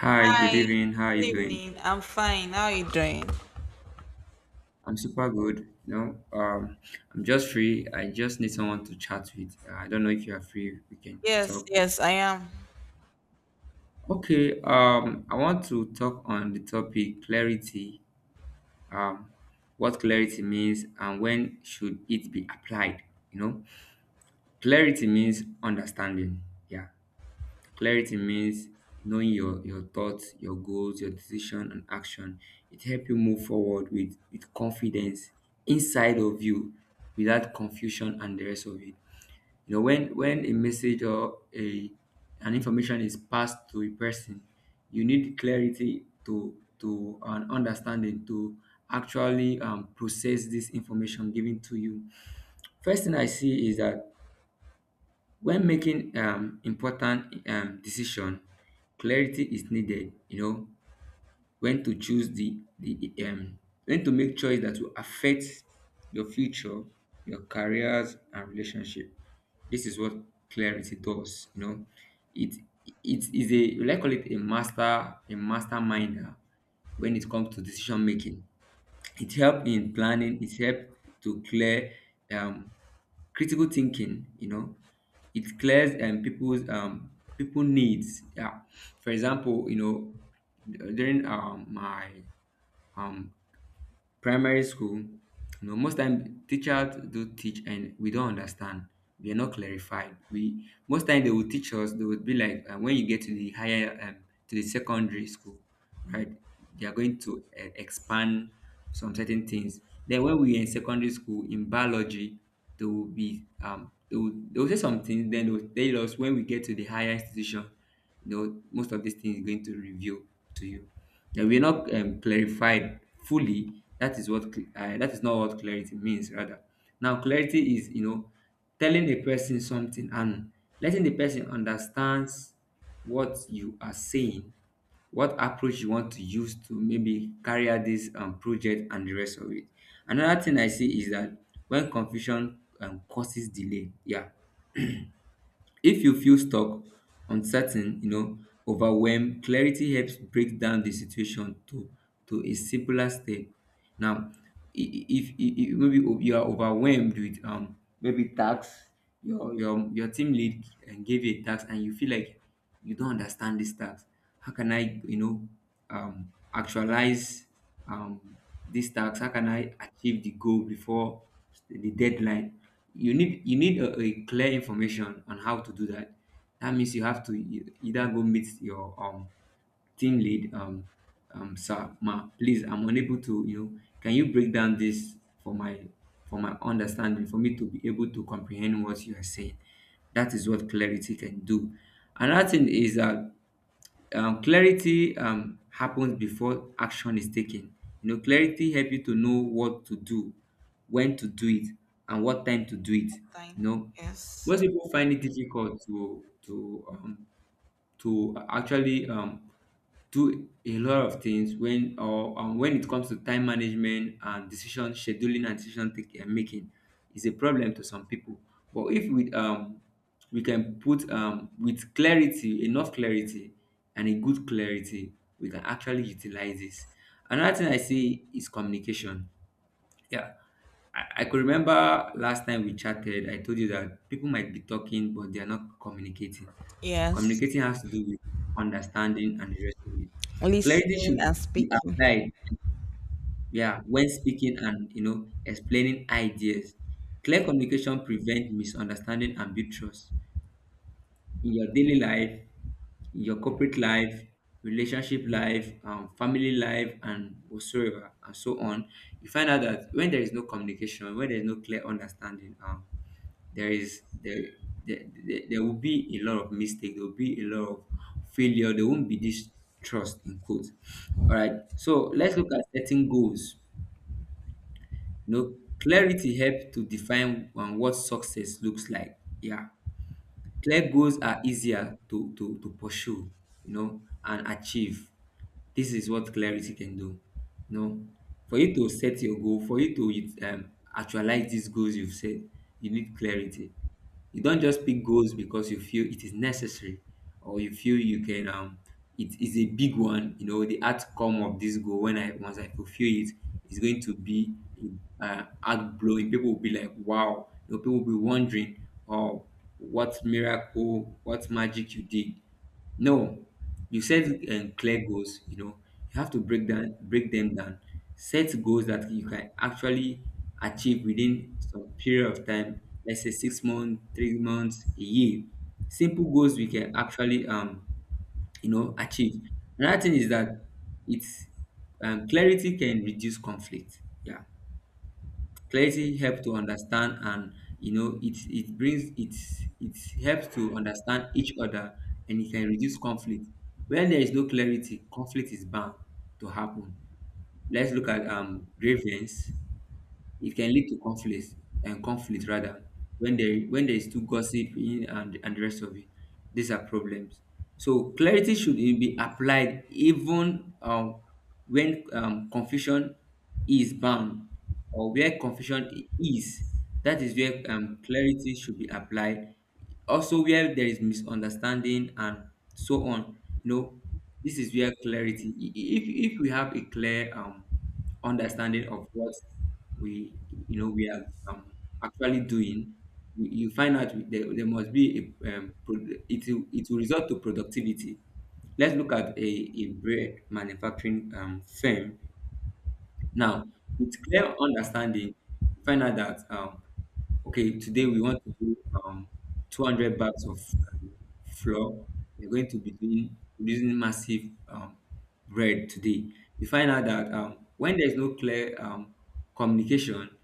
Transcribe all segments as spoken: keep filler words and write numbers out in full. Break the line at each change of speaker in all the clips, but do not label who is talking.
Hi, good
Hi,
evening. How are you
good
doing?
evening. I'm fine. How are you doing?
I'm super good. You know, um, I'm just free. I just need someone to chat with. Uh, I don't know if you are free. We can
Yes,
talk.
yes, I am.
Okay. Um, I want to talk on the topic clarity. Um, what clarity means and when should it be applied? You know, clarity means understanding. Yeah. Clarity means knowing your, your thoughts, your goals, your decision and action. It helps you move forward with, with confidence inside of you without confusion and the rest of it. You know, when when a message or a an information is passed to a person, you need clarity to to an understanding to actually um, process this information given to you. First thing I see is that when making um, important um, decision, clarity is needed, you know, when to choose the the um, when to make choice that will affect your future, your careers and relationship. This is what clarity does, you know. It it is a, we like call it a master, a masterminder when it comes to decision making. It helps in planning, it helps to clear um critical thinking, you know. It clears um people's um people needs. Yeah. For example, you know, during um my um primary school, you know, most time teachers do teach and we don't understand. We are not clarified. We most time they will teach us. They would be like, uh, when you get to the higher, um, to the secondary school, right? They are going to uh, expand some certain things. Then when we are in secondary school in biology, they will be um, they will, they will say some things. Then they will tell us when we get to the higher institution, you know, most of these things is going to reveal to you and we're not um, clarified fully. That is what cl- uh, that is not what clarity means, rather now clarity is, you know, telling a person something and letting the person understand what you are saying, what approach you want to use to maybe carry out this um, project and the rest of it. Another thing I see is that when confusion um, causes delay, yeah, if you feel stuck, uncertain, you know, overwhelmed, clarity helps break down the situation to to a simpler step. Now, i- i- if, if, if maybe o- you are overwhelmed with um maybe tax, your your your team lead uh, gave you a tax and you feel like you don't understand this tax. How can I, you know, um actualize um, this task, how can I achieve the goal before the deadline? You need, you need a, a clear information on how to do that. That means you have to e- either go meet your um team lead, um um sir, ma, please, I'm unable to, you know, can you break down this for my, for my understanding for me to be able to comprehend what you are saying? That is what clarity can do. Another thing is that um clarity um happens before action is taken. You know, clarity help you to know what to do, when to do it, and what time to do it. You
Fine.
know,
Yes,
most people find it difficult to to um to actually um, do a lot of things when or um, when it comes to time management and decision scheduling and decision taking and making is a problem to some people. But if we um, we can put um, with clarity, enough clarity, and a good clarity, we can actually utilize this. Another thing I see is communication, yeah. I, I could remember last time we chatted, I told you that people might be talking, but they are not communicating.
yes.
Communicating has to do with understanding and addressing it. Clarity
Listening
should
and
be
speaking.
applied, yeah, when speaking and you know explaining ideas. Clear communication prevents misunderstanding and build trust. Your daily life, your corporate life, relationship life, um, family life, and whatsoever, and so on, you find out that when there is no communication, when there is no clear understanding, um, there is there, there, there there will be a lot of mistake, there will be a lot of failure, there won't be this trust in quotes. All right, so let's look at setting goals. You know, clarity helps to define um, what success looks like. Yeah. Clear goals are easier to, to, to pursue, you know, and achieve. This is what clarity can do. You know, for you to set your goal, for you to um, actualize these goals you've set, you need clarity. You don't just pick goals because you feel it is necessary or you feel you can um it is a big one, you know, the outcome of this goal when I, once I fulfill it is going to be uh out blowing. People will be like, wow, you know, people will be wondering, oh, what miracle, what magic you did. No, you set um, clear goals. You know, you have to break down, break them down. Set goals that you can actually achieve within some period of time. Let's say six months, three months, a year. Simple goals we can actually um you know achieve. Another thing is that it's um, clarity can reduce conflict. Yeah, clarity helps to understand and you know it it brings it, it helps to understand each other and it can reduce conflict. When there is no clarity, conflict is bound to happen. Let's look at um grievance. It can lead to conflict and conflict rather when there when there is too gossiping and and the rest of it. These are problems. So clarity should be applied even um, when um, confusion is bound or where confusion i- is. That is where um, clarity should be applied. Also, where there is misunderstanding and so on. You know, this is where clarity. i- i- If if we have a clear um understanding of what we, you know, we are um, actually doing, we, you find out there, there must be a um, pro- it, will- it will result to productivity. Let's look at a, a bread manufacturing um, firm. Now with clear understanding, you find out that um, okay, today we want to do um, two hundred bags of um, flour. We're going to be doing using massive um, bread today. We find out that um, when there is no clear um, communication,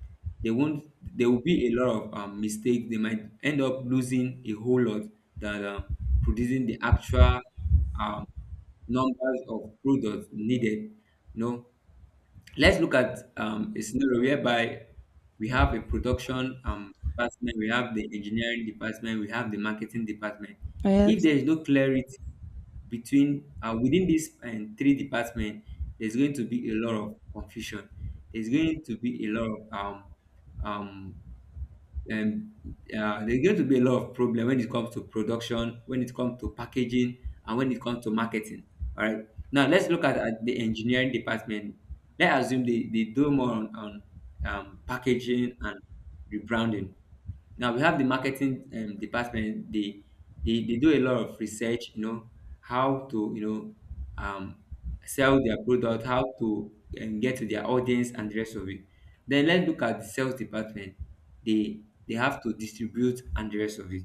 they won't there will be a lot of um, mistakes. They might end up losing a whole lot that um, producing the actual um, numbers of products needed. You know, let's look at um, a scenario whereby we have a production um, department, we have the engineering department, we have the marketing department. If
Yes,
there is no clarity between uh, within these um, three departments, there's going to be a lot of confusion. There's going to be a lot of um, um, um, uh, there's going to be a lot of problem when it comes to production, when it comes to packaging, and when it comes to marketing. All right. Now let's look at, at the engineering department. Let's assume they, they do more on, on um, packaging and rebranding. Now we have the marketing um, department. They, they they do a lot of research. You know how to, you know, um, sell their product, how to um, get to their audience, and the rest of it. Then let's look at the sales department. They they have to distribute and the rest of it.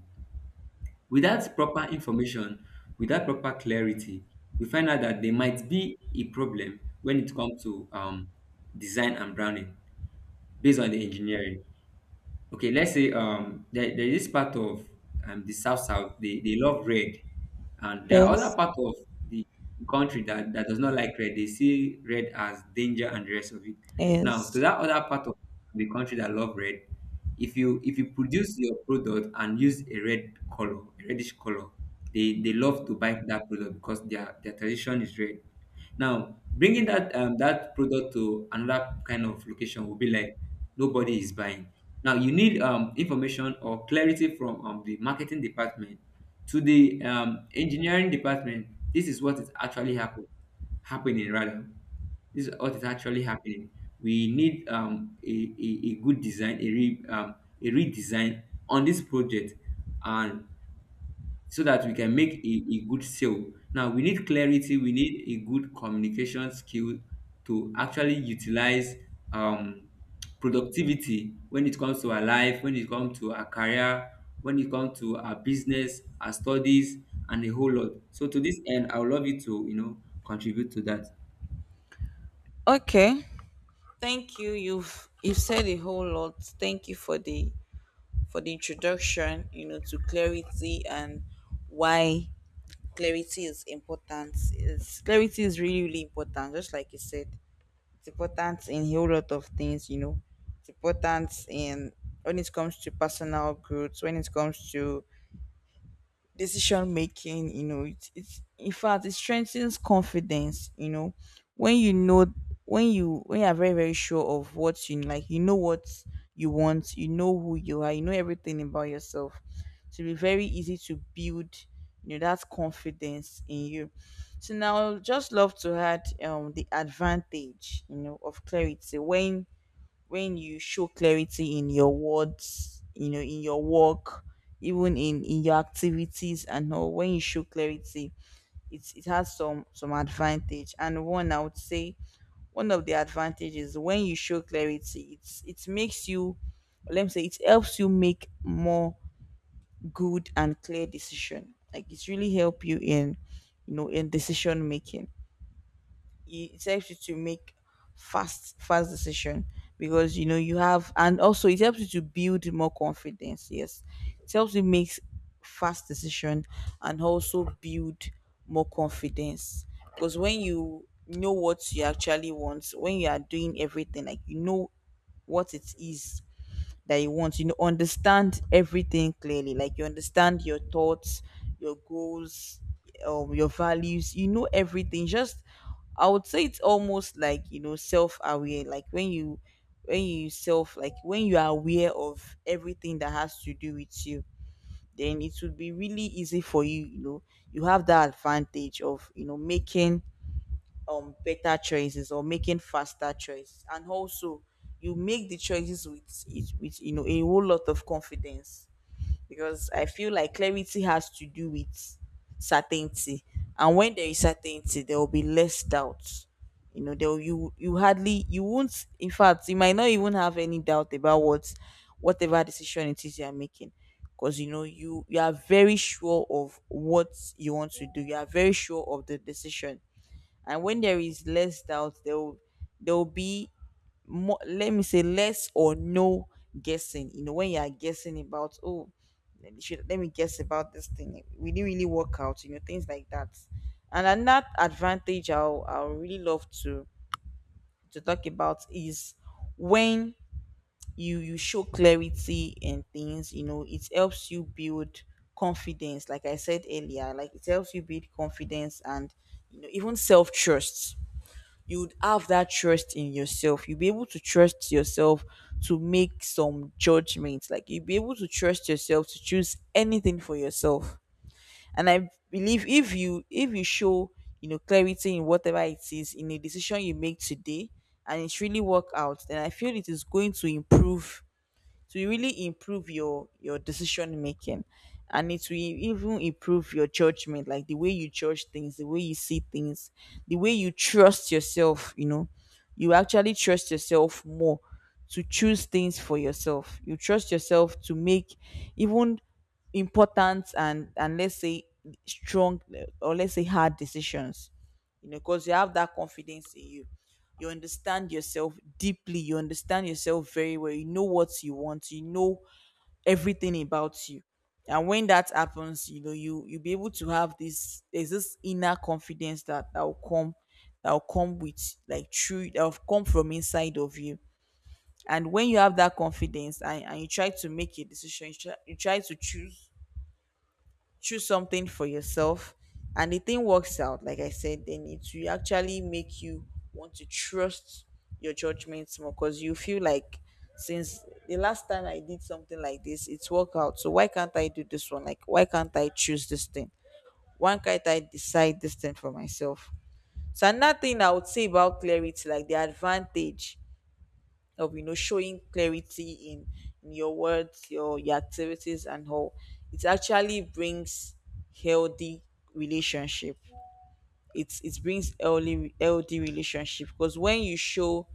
Without proper information, without proper clarity, we find out that there might be a problem when it comes to um, design and branding based on the engineering. Okay, let's say um there, there is part of um the South South, they, they love red, and there are other
yes,
part of the country that, that does not like red. They see red as danger and the rest of it. Now, to
yes.
that other part of the country that love red, if you if you produce your product and use a red color, a reddish color, they they love to buy that product because their their tradition is red. Now, bringing that um, that product to another kind of location will be like nobody is buying. Now you need um, information or clarity from um, the marketing department to the um, engineering department. This is what is actually happen, happening rather. This is what is actually happening. We need um, a, a, a good design, a, re, um, a redesign on this project, and so that we can make a, a good sale. Now we need clarity, we need a good communication skill to actually utilize um, productivity when it comes to our life, when it comes to our career, when it comes to our business, our studies, and a whole lot. So to this end, I would love you to, you know, contribute to that.
Okay. Thank you. You've you've said a whole lot. Thank you for the for the introduction. You know, to clarity and why clarity is important. Is clarity is really really important. Just like you said. It's important in a whole lot of things, you know. It's important in when it comes to personal growth, when it comes to decision making. You know, it's, it's in fact, it strengthens confidence. You know, when you know, when you when you are very very sure of what you like, you know what you want, you know who you are, you know everything about yourself. So it'll be very easy to build, you know, that confidence in you. So now I'll just love to add um the advantage, you know, of clarity, when when you show clarity in your words, you know, in your work, even in in your activities and all. When you show clarity, it's it has some some advantage. And one, I would say, one of the advantages, when you show clarity, it's it makes you, let me say, it helps you make more good and clear decision. Like it's really help you in, you know, in decision making. It helps you to make fast fast decision because you know you have. And also it helps you to build more confidence. Yes. It helps you make fast decision and also build more confidence, because when you know what you actually want, when you are doing everything, like, you know what it is that you want. You know, understand everything clearly. Like you understand your thoughts, your goals, um, your values. You know everything. Just, I would say, it's almost like, you know, self aware. Like when you when you self, like when you are aware of everything that has to do with you, then it would be really easy for you, you know. You have that advantage of, you know, making um better choices or making faster choices, and also you make the choices with with you know, a whole lot of confidence. Because I feel like clarity has to do with certainty. And when there is certainty, there will be less doubt. You know, there will- you, you hardly, you won't, in fact, you might not even have any doubt about what whatever decision it is you are making, because you know you you are very sure of what you want to do, you are very sure of the decision. And when there is less doubt, there will, there will be more, let me say, less or no guessing. You know, when you are guessing about, oh, let me, should, let me guess about this thing, we didn't really work out, you know, things like that. And another advantage i'll i'll really love to to talk about is, when you you show clarity in things, you know, it helps you build confidence, like I said earlier. Like it helps you build confidence, and you know, even self-trust. You would have that trust in yourself. You'll be able to trust yourself to make some judgments. Like you'll be able to trust yourself to choose anything for yourself. And I believe, if you if you show, you know, clarity in whatever it is, in a decision you make today, and it's really work out, then I feel it is going to improve, to really improve your your decision making. And it will even improve your judgment, like the way you judge things, the way you see things, the way you trust yourself, you know. You actually trust yourself more, to choose things for yourself. You trust yourself to make even important, and and let's say strong, eh, or let's say hard decisions, you know, because you have that confidence in you. You understand yourself deeply, you understand yourself very well, you know what you want, you know everything about you. And when that happens, you know, you you'll be able to have this, there's this inner confidence that that will come, that will come with, like, true, that will come from inside of you. And when you have that confidence, and, and you try to make a decision, you try, you try to choose, choose something for yourself, and the thing works out, like I said, then it will actually make you want to trust your judgments more, because you feel like, since the last time I did something like this, it's worked out, so why can't I do this one, like why can't I choose this thing, why can't I decide this thing for myself. So another thing I would say about clarity, like the advantage of, you know, showing clarity in, in your words, your your activities and all, it actually brings healthy relationship. It it brings healthy healthy relationship, because when you show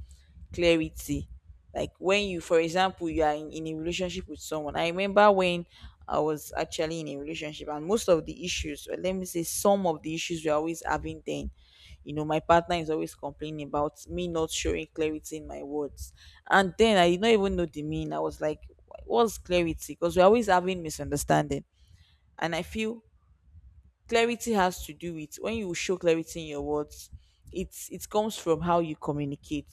clarity. Like when you, for example, you are in, in a relationship with someone. I remember when I was actually in a relationship, and most of the issues, or let me say, some of the issues we're always having then, you know, my partner is always complaining about me not showing clarity in my words. And then I did not even know the mean. I was like, what's clarity? Because we're always having misunderstanding. And I feel clarity has to do with, when you show clarity in your words, it's it comes from how you communicate,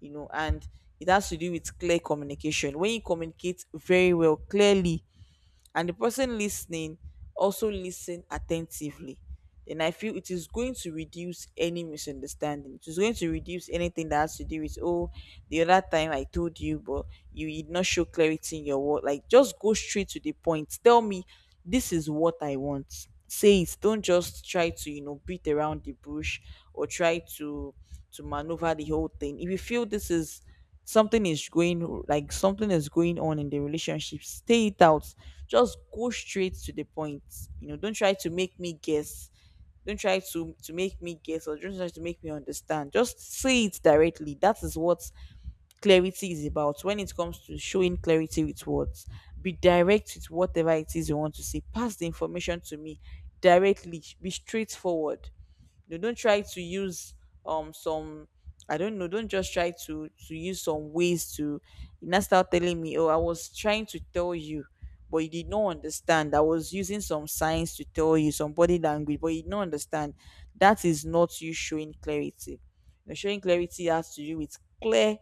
you know. And it has to do with clear communication. When you communicate very well, clearly, and the person listening also listen attentively, then I feel it is going to reduce any misunderstanding. It is going to reduce anything that has to do with, oh, the other time I told you, but you did not show clarity in your word. Like, just go straight to the point, tell me, this is what I want. Say it. Don't just try to, you know, beat around the bush, or try to to maneuver the whole thing. If you feel this is, something is going, like something is going on in the relationship, stay it out. Just go straight to the point. You know, don't try to make me guess. Don't try to to make me guess, or don't try to make me understand. Just say it directly. That is what clarity is about. When it comes to showing clarity with words, be direct. With whatever it is you want to say, pass the information to me directly. Be straightforward. They don't try to use um some, I don't know, don't just try to to use some ways to, you now start telling me, oh, I was trying to tell you, but you did not understand. I was using some signs to tell you, some body language, but you did not understand. That is not you showing clarity. You're showing clarity has to do with clear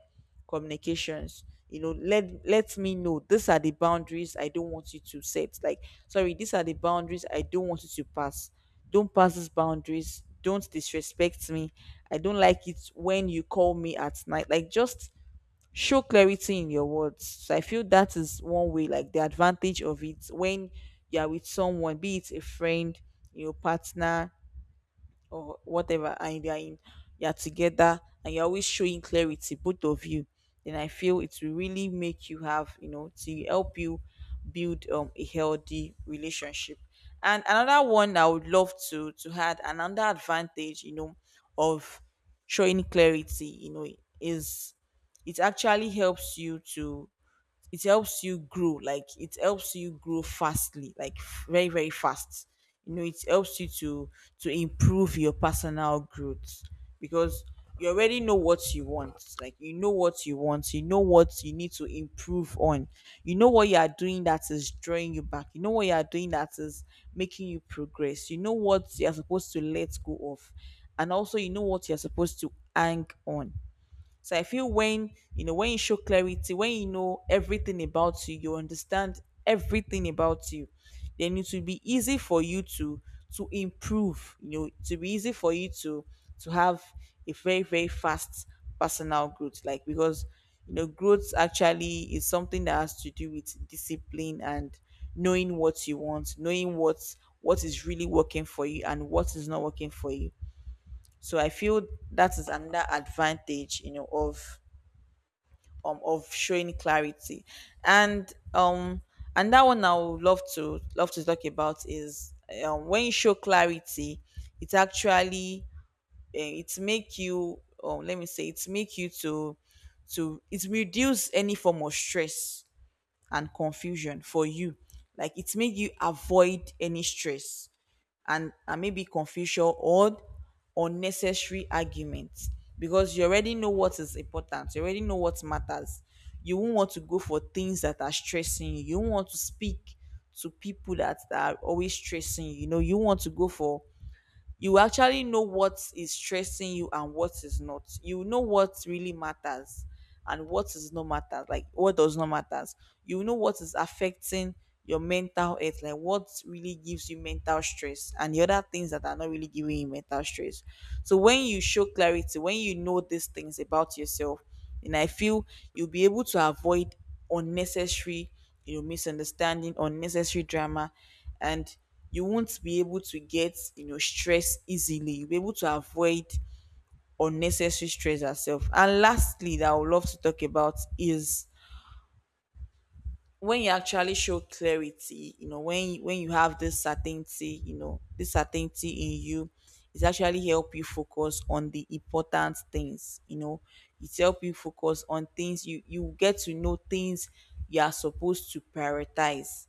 communications. You know, let let me know, these are the boundaries, I don't want you to set, like, sorry, these are the boundaries I don't want you to pass. Don't pass these boundaries. Don't disrespect me. I don't like it when you call me at night. Like, just show clarity in your words. So I feel that is one way, like the advantage of it. When you are with someone, be it a friend, your partner, or whatever, and you are in you're together, and you're always showing clarity, both of you, then I feel it will really make you have, you know, to help you build um a healthy relationship. And another one I would love to to add, another advantage, you know, of showing clarity, you know, is, it actually helps you to, it helps you grow. Like it helps you grow fastly, like f- very very fast. You know, it helps you to to improve your personal growth, because you already know what you want. Like you know what you want, you know what you need to improve on, you know what you are doing that is drawing you back, you know what you are doing that is making you progress, you know what you are supposed to let go of, and also you know what you are supposed to hang on. So I feel, when you know, when you show clarity, when you know everything about you, you understand everything about you, then it will be easy for you to to improve. You know, to be easy for you to to have a very very fast personal growth. Like, because you know growth actually is something that has to do with discipline and knowing what you want, knowing what what is really working for you and what is not working for you. So I feel that is another advantage, you know, of um of showing clarity and um and that one I would love to love to talk about is um, when you show clarity, it actually eh, it make you um, let me say it make you to to it reduce any form of stress and confusion for you. Like it make you avoid any stress and, and maybe confusion or unnecessary arguments, because you already know what is important, you already know what matters. You won't want to go for things that are stressing you. You won't want to speak to people that, that are always stressing you. You know, you want to go for you actually know what is stressing you and what is not. You know what really matters and what is not matter, like what does not matter. You know what is affecting your mental health, like what really gives you mental stress and the other things that are not really giving you mental stress. So when you show clarity, when you know these things about yourself, and I feel you'll be able to avoid unnecessary, you know, misunderstanding, unnecessary drama, and you won't be able to get, you know, stress easily. You'll be able to avoid unnecessary stress herself. And lastly, that I would love to talk about is when you actually show clarity, you know, when you- when you have this certainty, you know, this certainty in you, it's actually help you focus on the important things. You know, it's help you focus on things you you get to know things you are supposed to prioritize.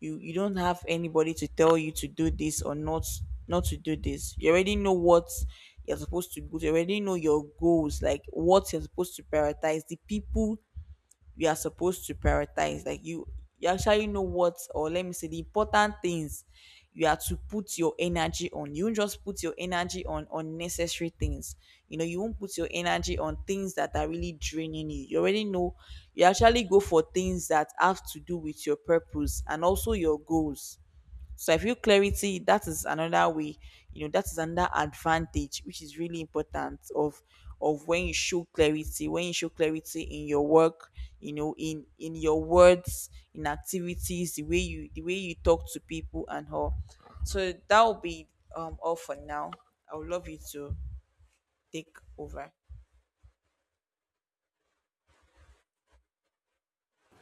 You you don't have anybody to tell you to do this or not not to do this. You already know what you're supposed to do. You already know your goals, like what you're supposed to prioritize, the people you are supposed to prioritize. Like you you actually know what, or let me say the important things you are to put your energy on. You won't just put your energy on unnecessary things. You know, you won't put your energy on things that are really draining you. You already know, you actually go for things that have to do with your purpose and also your goals. So I feel clarity, that is another way, you know, that is another advantage which is really important of of when you show clarity, when you show clarity in your work, you know, in in your words, in activities, the way you the way you talk to people and all. So that will be um all for now. I would love you to take over.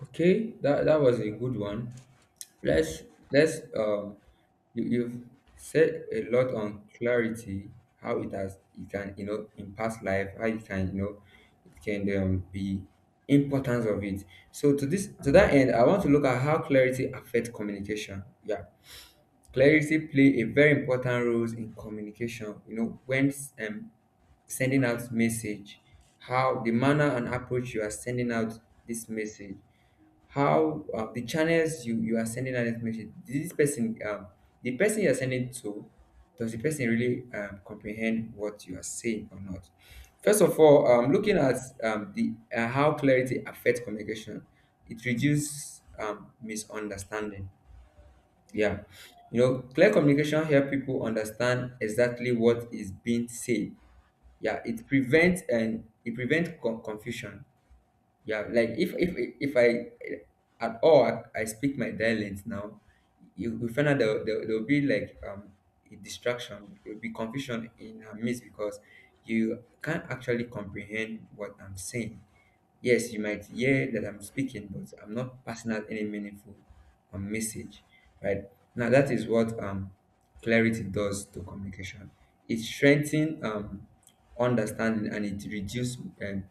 Okay, that that was a good one. Let's let's um you, you've said a lot on clarity, how it has it can you know impact life, how it can you know it can um, be importance of it. So to this to that end, I want to look at how clarity affects communication. Yeah, clarity play a very important role in communication. You know, when um, sending out message, how the manner and approach you are sending out this message, how uh, the channels you you are sending out this message. Did this person, um, the person you are sending to, does the person really um, comprehend what you are saying or not? First of all, um, looking at um, the uh, how clarity affects communication, it reduces um, misunderstanding, yeah. You know, clear communication help people understand exactly what is being said. Yeah, it prevents and it prevents con- confusion, yeah. Like if if if i at all i speak my dialect now, you will find out there, there, there will be like um a distraction, there will be confusion in her midst because you can't actually comprehend what I'm saying. Yes, you might hear that I'm speaking, but I'm not passing out any meaningful um, message. Right. Now that is what um clarity does to communication. It strengthens um understanding and it reduce um,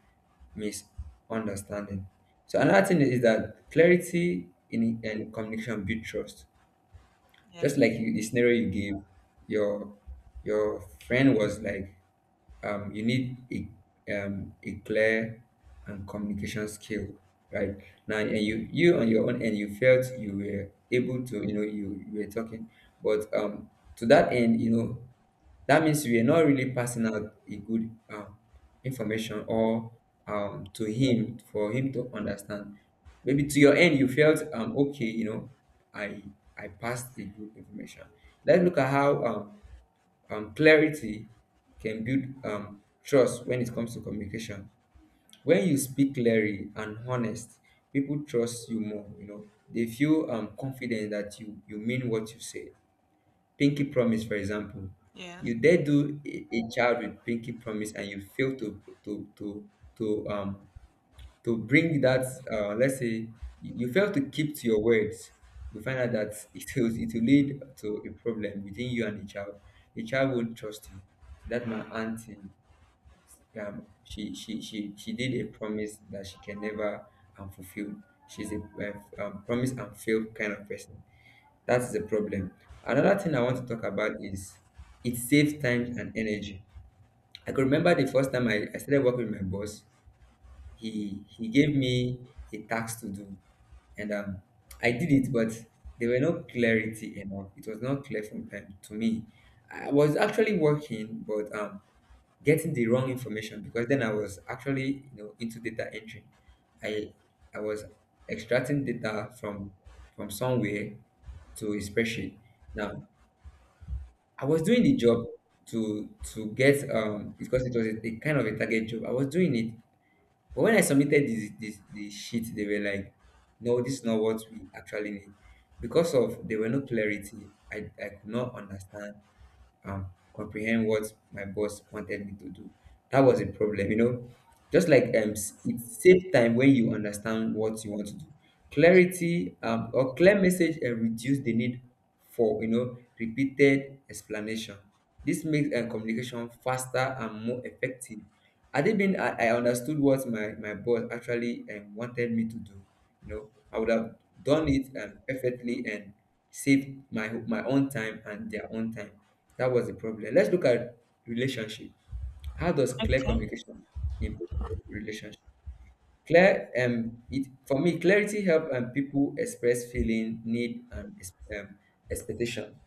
misunderstanding. So another thing is that clarity in and communication build trust. Just
Yes.
like you, the scenario you gave, your your friend was like, um, you need a um, a clear and communication skill, right? Now and you you on your own end you felt you were able to, you know, you, you were talking, but um to that end, you know, that means we are not really passing out a good um, information or um, to him for him to understand. Maybe to your end, you felt um, okay, you know, I I passed a good information. Let's look at how um, um, clarity can build um, trust when it comes to communication. When you speak clearly and honest, people trust you more. You know, they feel um, confident that you you mean what you say. Pinky Promise, for example,
Yes.
you dare do a, a child with Pinky Promise and you fail to to to to um to bring that, uh, let's say you fail to keep to your words, you find out that it will it will lead to a problem between you and the child. The child won't trust you. That's my auntie. um, she she she she did a promise that she can never um, fulfill. She's a uh, um, promise and fail kind of person. That's the problem. Another thing I want to talk about is it saves time and energy. I could remember the first time I, I started working with my boss. He he gave me a task to do, and um, I did it, but there were no clarity enough. It was not clear from um, to me. I was actually working, but um, getting the wrong information because then I was actually you know into data entry. I I was extracting data from from somewhere to a spreadsheet. Now I was doing the job to to get, um because it was a, a kind of a target job. I was doing it, but when I submitted this this the sheet, they were like, no, this is not what we actually need. Because of there were no clarity, I, I could not understand um, comprehend what my boss wanted me to do. That was a problem, you know. Just like um, s- it saves time when you understand what you want to do. Clarity, um, or clear message and reduce the need for you know repeated explanation. This makes uh, communication faster and more effective. Had it been I, I understood what my, my boss actually um, wanted me to do, you know, I would have done it, um, perfectly, and saved my my own time and their own time. That was the problem. Let's look at relationship. How does clear
Okay.
communication improve relationship? Clear, um, it for me, clarity help and people express feeling, need, and ex- um, expectation.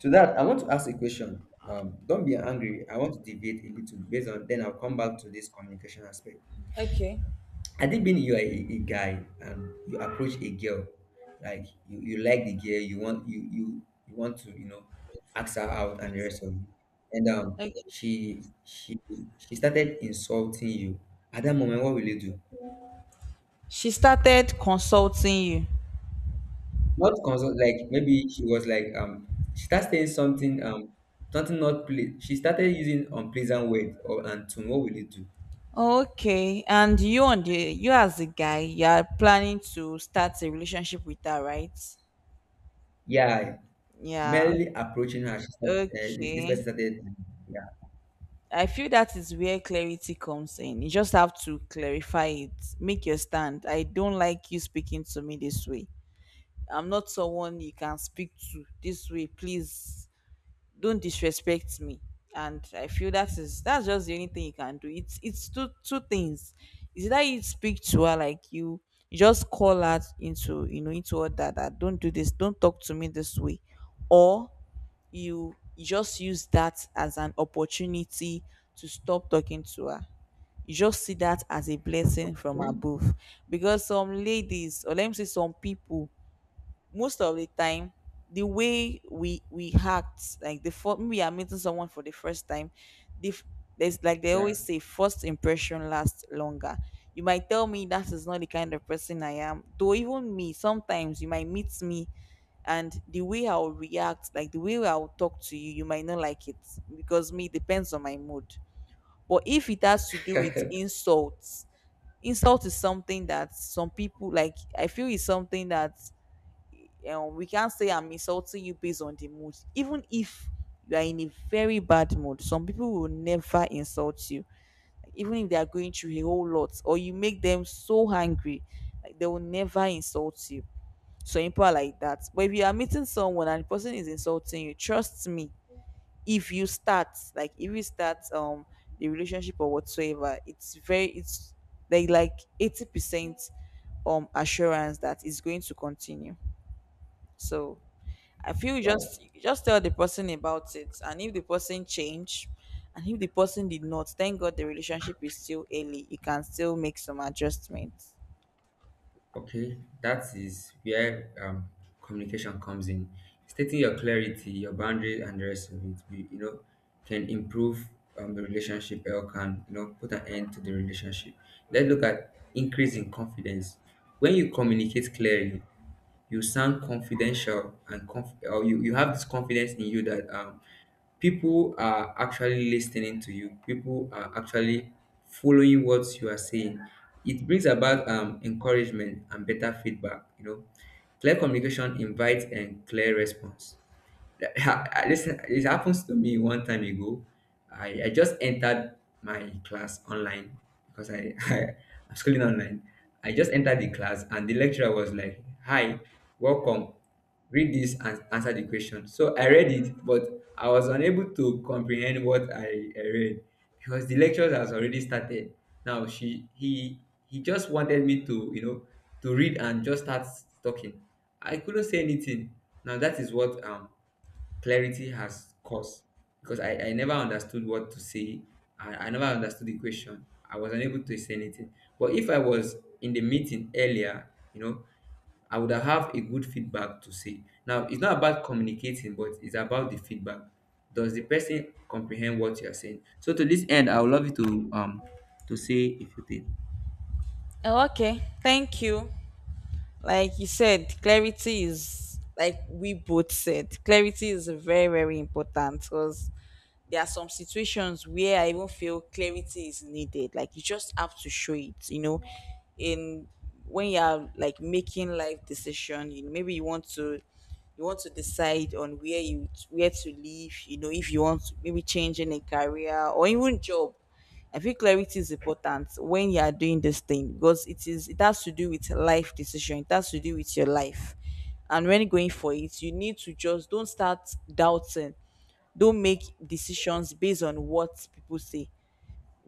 To that, I want to ask a question. Um, don't be angry. I want to deviate a little based on. Then I'll come back to this communication aspect.
Okay.
I think being you are a, a guy and you approach a girl, like you, you like the girl, you want you you you want to you know ask her out and the rest of you, and um
Okay.
she she she started insulting you. At that moment, what will you do?
She started consulting you.
Not consult, like maybe she was like um she started saying something, um something not ple. She started using unpleasant words or and tone. What will you do?
Okay, and you and the you as a guy, you are planning to start a relationship with her, right?
Yeah,
Yeah.
merely approaching her, she said, uh, this person
Okay.
started. Yeah,
I feel that is where clarity comes in. You just have to clarify it. Make your stand. I don't like you speaking to me this way. I'm not someone you can speak to this way. Please don't disrespect me, and I feel that is that's just the only thing you can do. It's it's two two things. Is that you speak to her like you you just call her into, you know, into all that, that don't do this, don't talk to me this way, or you you just use that as an opportunity to stop talking to her. You just see that as a blessing from
okay,
above. Because some ladies, or let me say some people, most of the time, the way we we act, like the first we are meeting someone for the first time, the f- there's like they
yeah,
always say first impression lasts longer. You might tell me that is not the kind of person I am, though. Even me sometimes, you might meet me and the way I'll react, like the way I'll talk to you, you might not like it, because me, it depends on my mood. But if it has to do with insults, insult is something that some people, like I feel is something that um, we can't say I'm insulting you based on the mood. Even if you are in a very bad mood, some people will never insult you, even if they are going through a whole lot, or you make them so angry, like they will never insult you. So people are like that. But if you are meeting someone and the person is insulting you, trust me, if you start, like if you start um the relationship or whatsoever, it's very it's like like eighty percent um assurance that it's going to continue. So I feel you
wow.
just you just tell the person about it, and if the person change, and if the person did not, thank God the relationship is still early. You can still make some adjustments.
Okay, that is where um, communication comes in. Stating your clarity, your boundaries, and the rest of it, we- you know, can improve, um, the relationship or can, you know, put an end to the relationship. Let's look at increasing confidence. When you communicate clearly, you sound confidential and conf- or you, you have this confidence in you, that um, people are actually listening to you, people are actually following what you are saying. It brings about, um, encouragement and better feedback. You know clear communication invites and clear response. I- Listen, it happens to me one time ago. I, I just entered my class online, because I, I I'm schooling online. I just entered the class and the lecturer was like, "Hi, welcome. Read this and answer the question." So I read it, but I was unable to comprehend what I, I read, because the lecture has already started. Now she he he just wanted me to, you know, to read and just start talking. I couldn't say anything. Now that is what um clarity has cost, because I, I never understood what to say. I, I never understood the question. I was unable to say anything. But if I was in the meeting earlier, you know, I would have a good feedback to say. Now, it's not about communicating, but it's about the feedback. Does the person comprehend what you are saying? So to this end, I would love you to um to say if you think.
Oh, okay, thank you. Like you said, clarity is, like we both said, clarity is very very important, because there are some situations where I even feel clarity is needed. Like you just have to show it, you know, in when you are like making life decision, you know, maybe you want to you want to decide on where you where to live, you know, if you want to maybe changing a career or even job. I feel clarity is important when you are doing this thing, because it is it has to do with life decision. It has to do with your life. And when going for it, you need to just don't start doubting, don't make decisions based on what people say,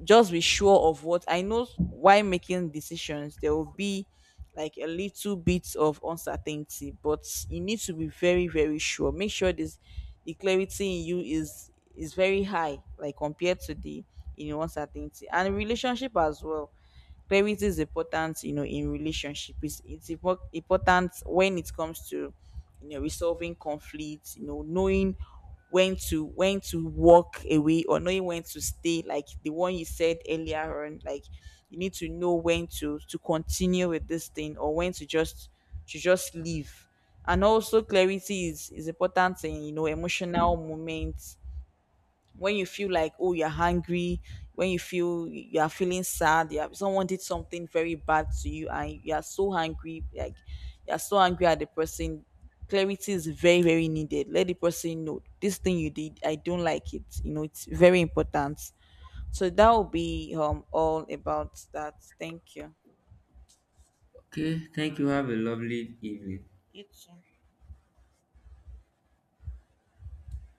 just be sure of what I know. While making decisions, there will be like a little bit of uncertainty, but you need to be very very sure, make sure this the clarity in you is is very high, like compared to the, you know, uncertainty. And relationship as well. Clarity is important, you know, in relationship. It's, it's impor- important when it comes to, you know, resolving conflicts, you know, knowing when to when to walk away, or knowing when to stay, like the one you said earlier on. Like you need to know when to to continue with this thing, or when to just to just leave. And also clarity is is important in, you know, emotional moments. When you feel like, oh, you're hungry, when you feel you're feeling sad, you have someone did something very bad to you and you're so angry, like you're so angry at the person, clarity is very very needed. Let the person know this thing you did, I don't like it, you know, it's very important. So that will be um all about that. Thank you.
Okay, thank you. Have a lovely evening.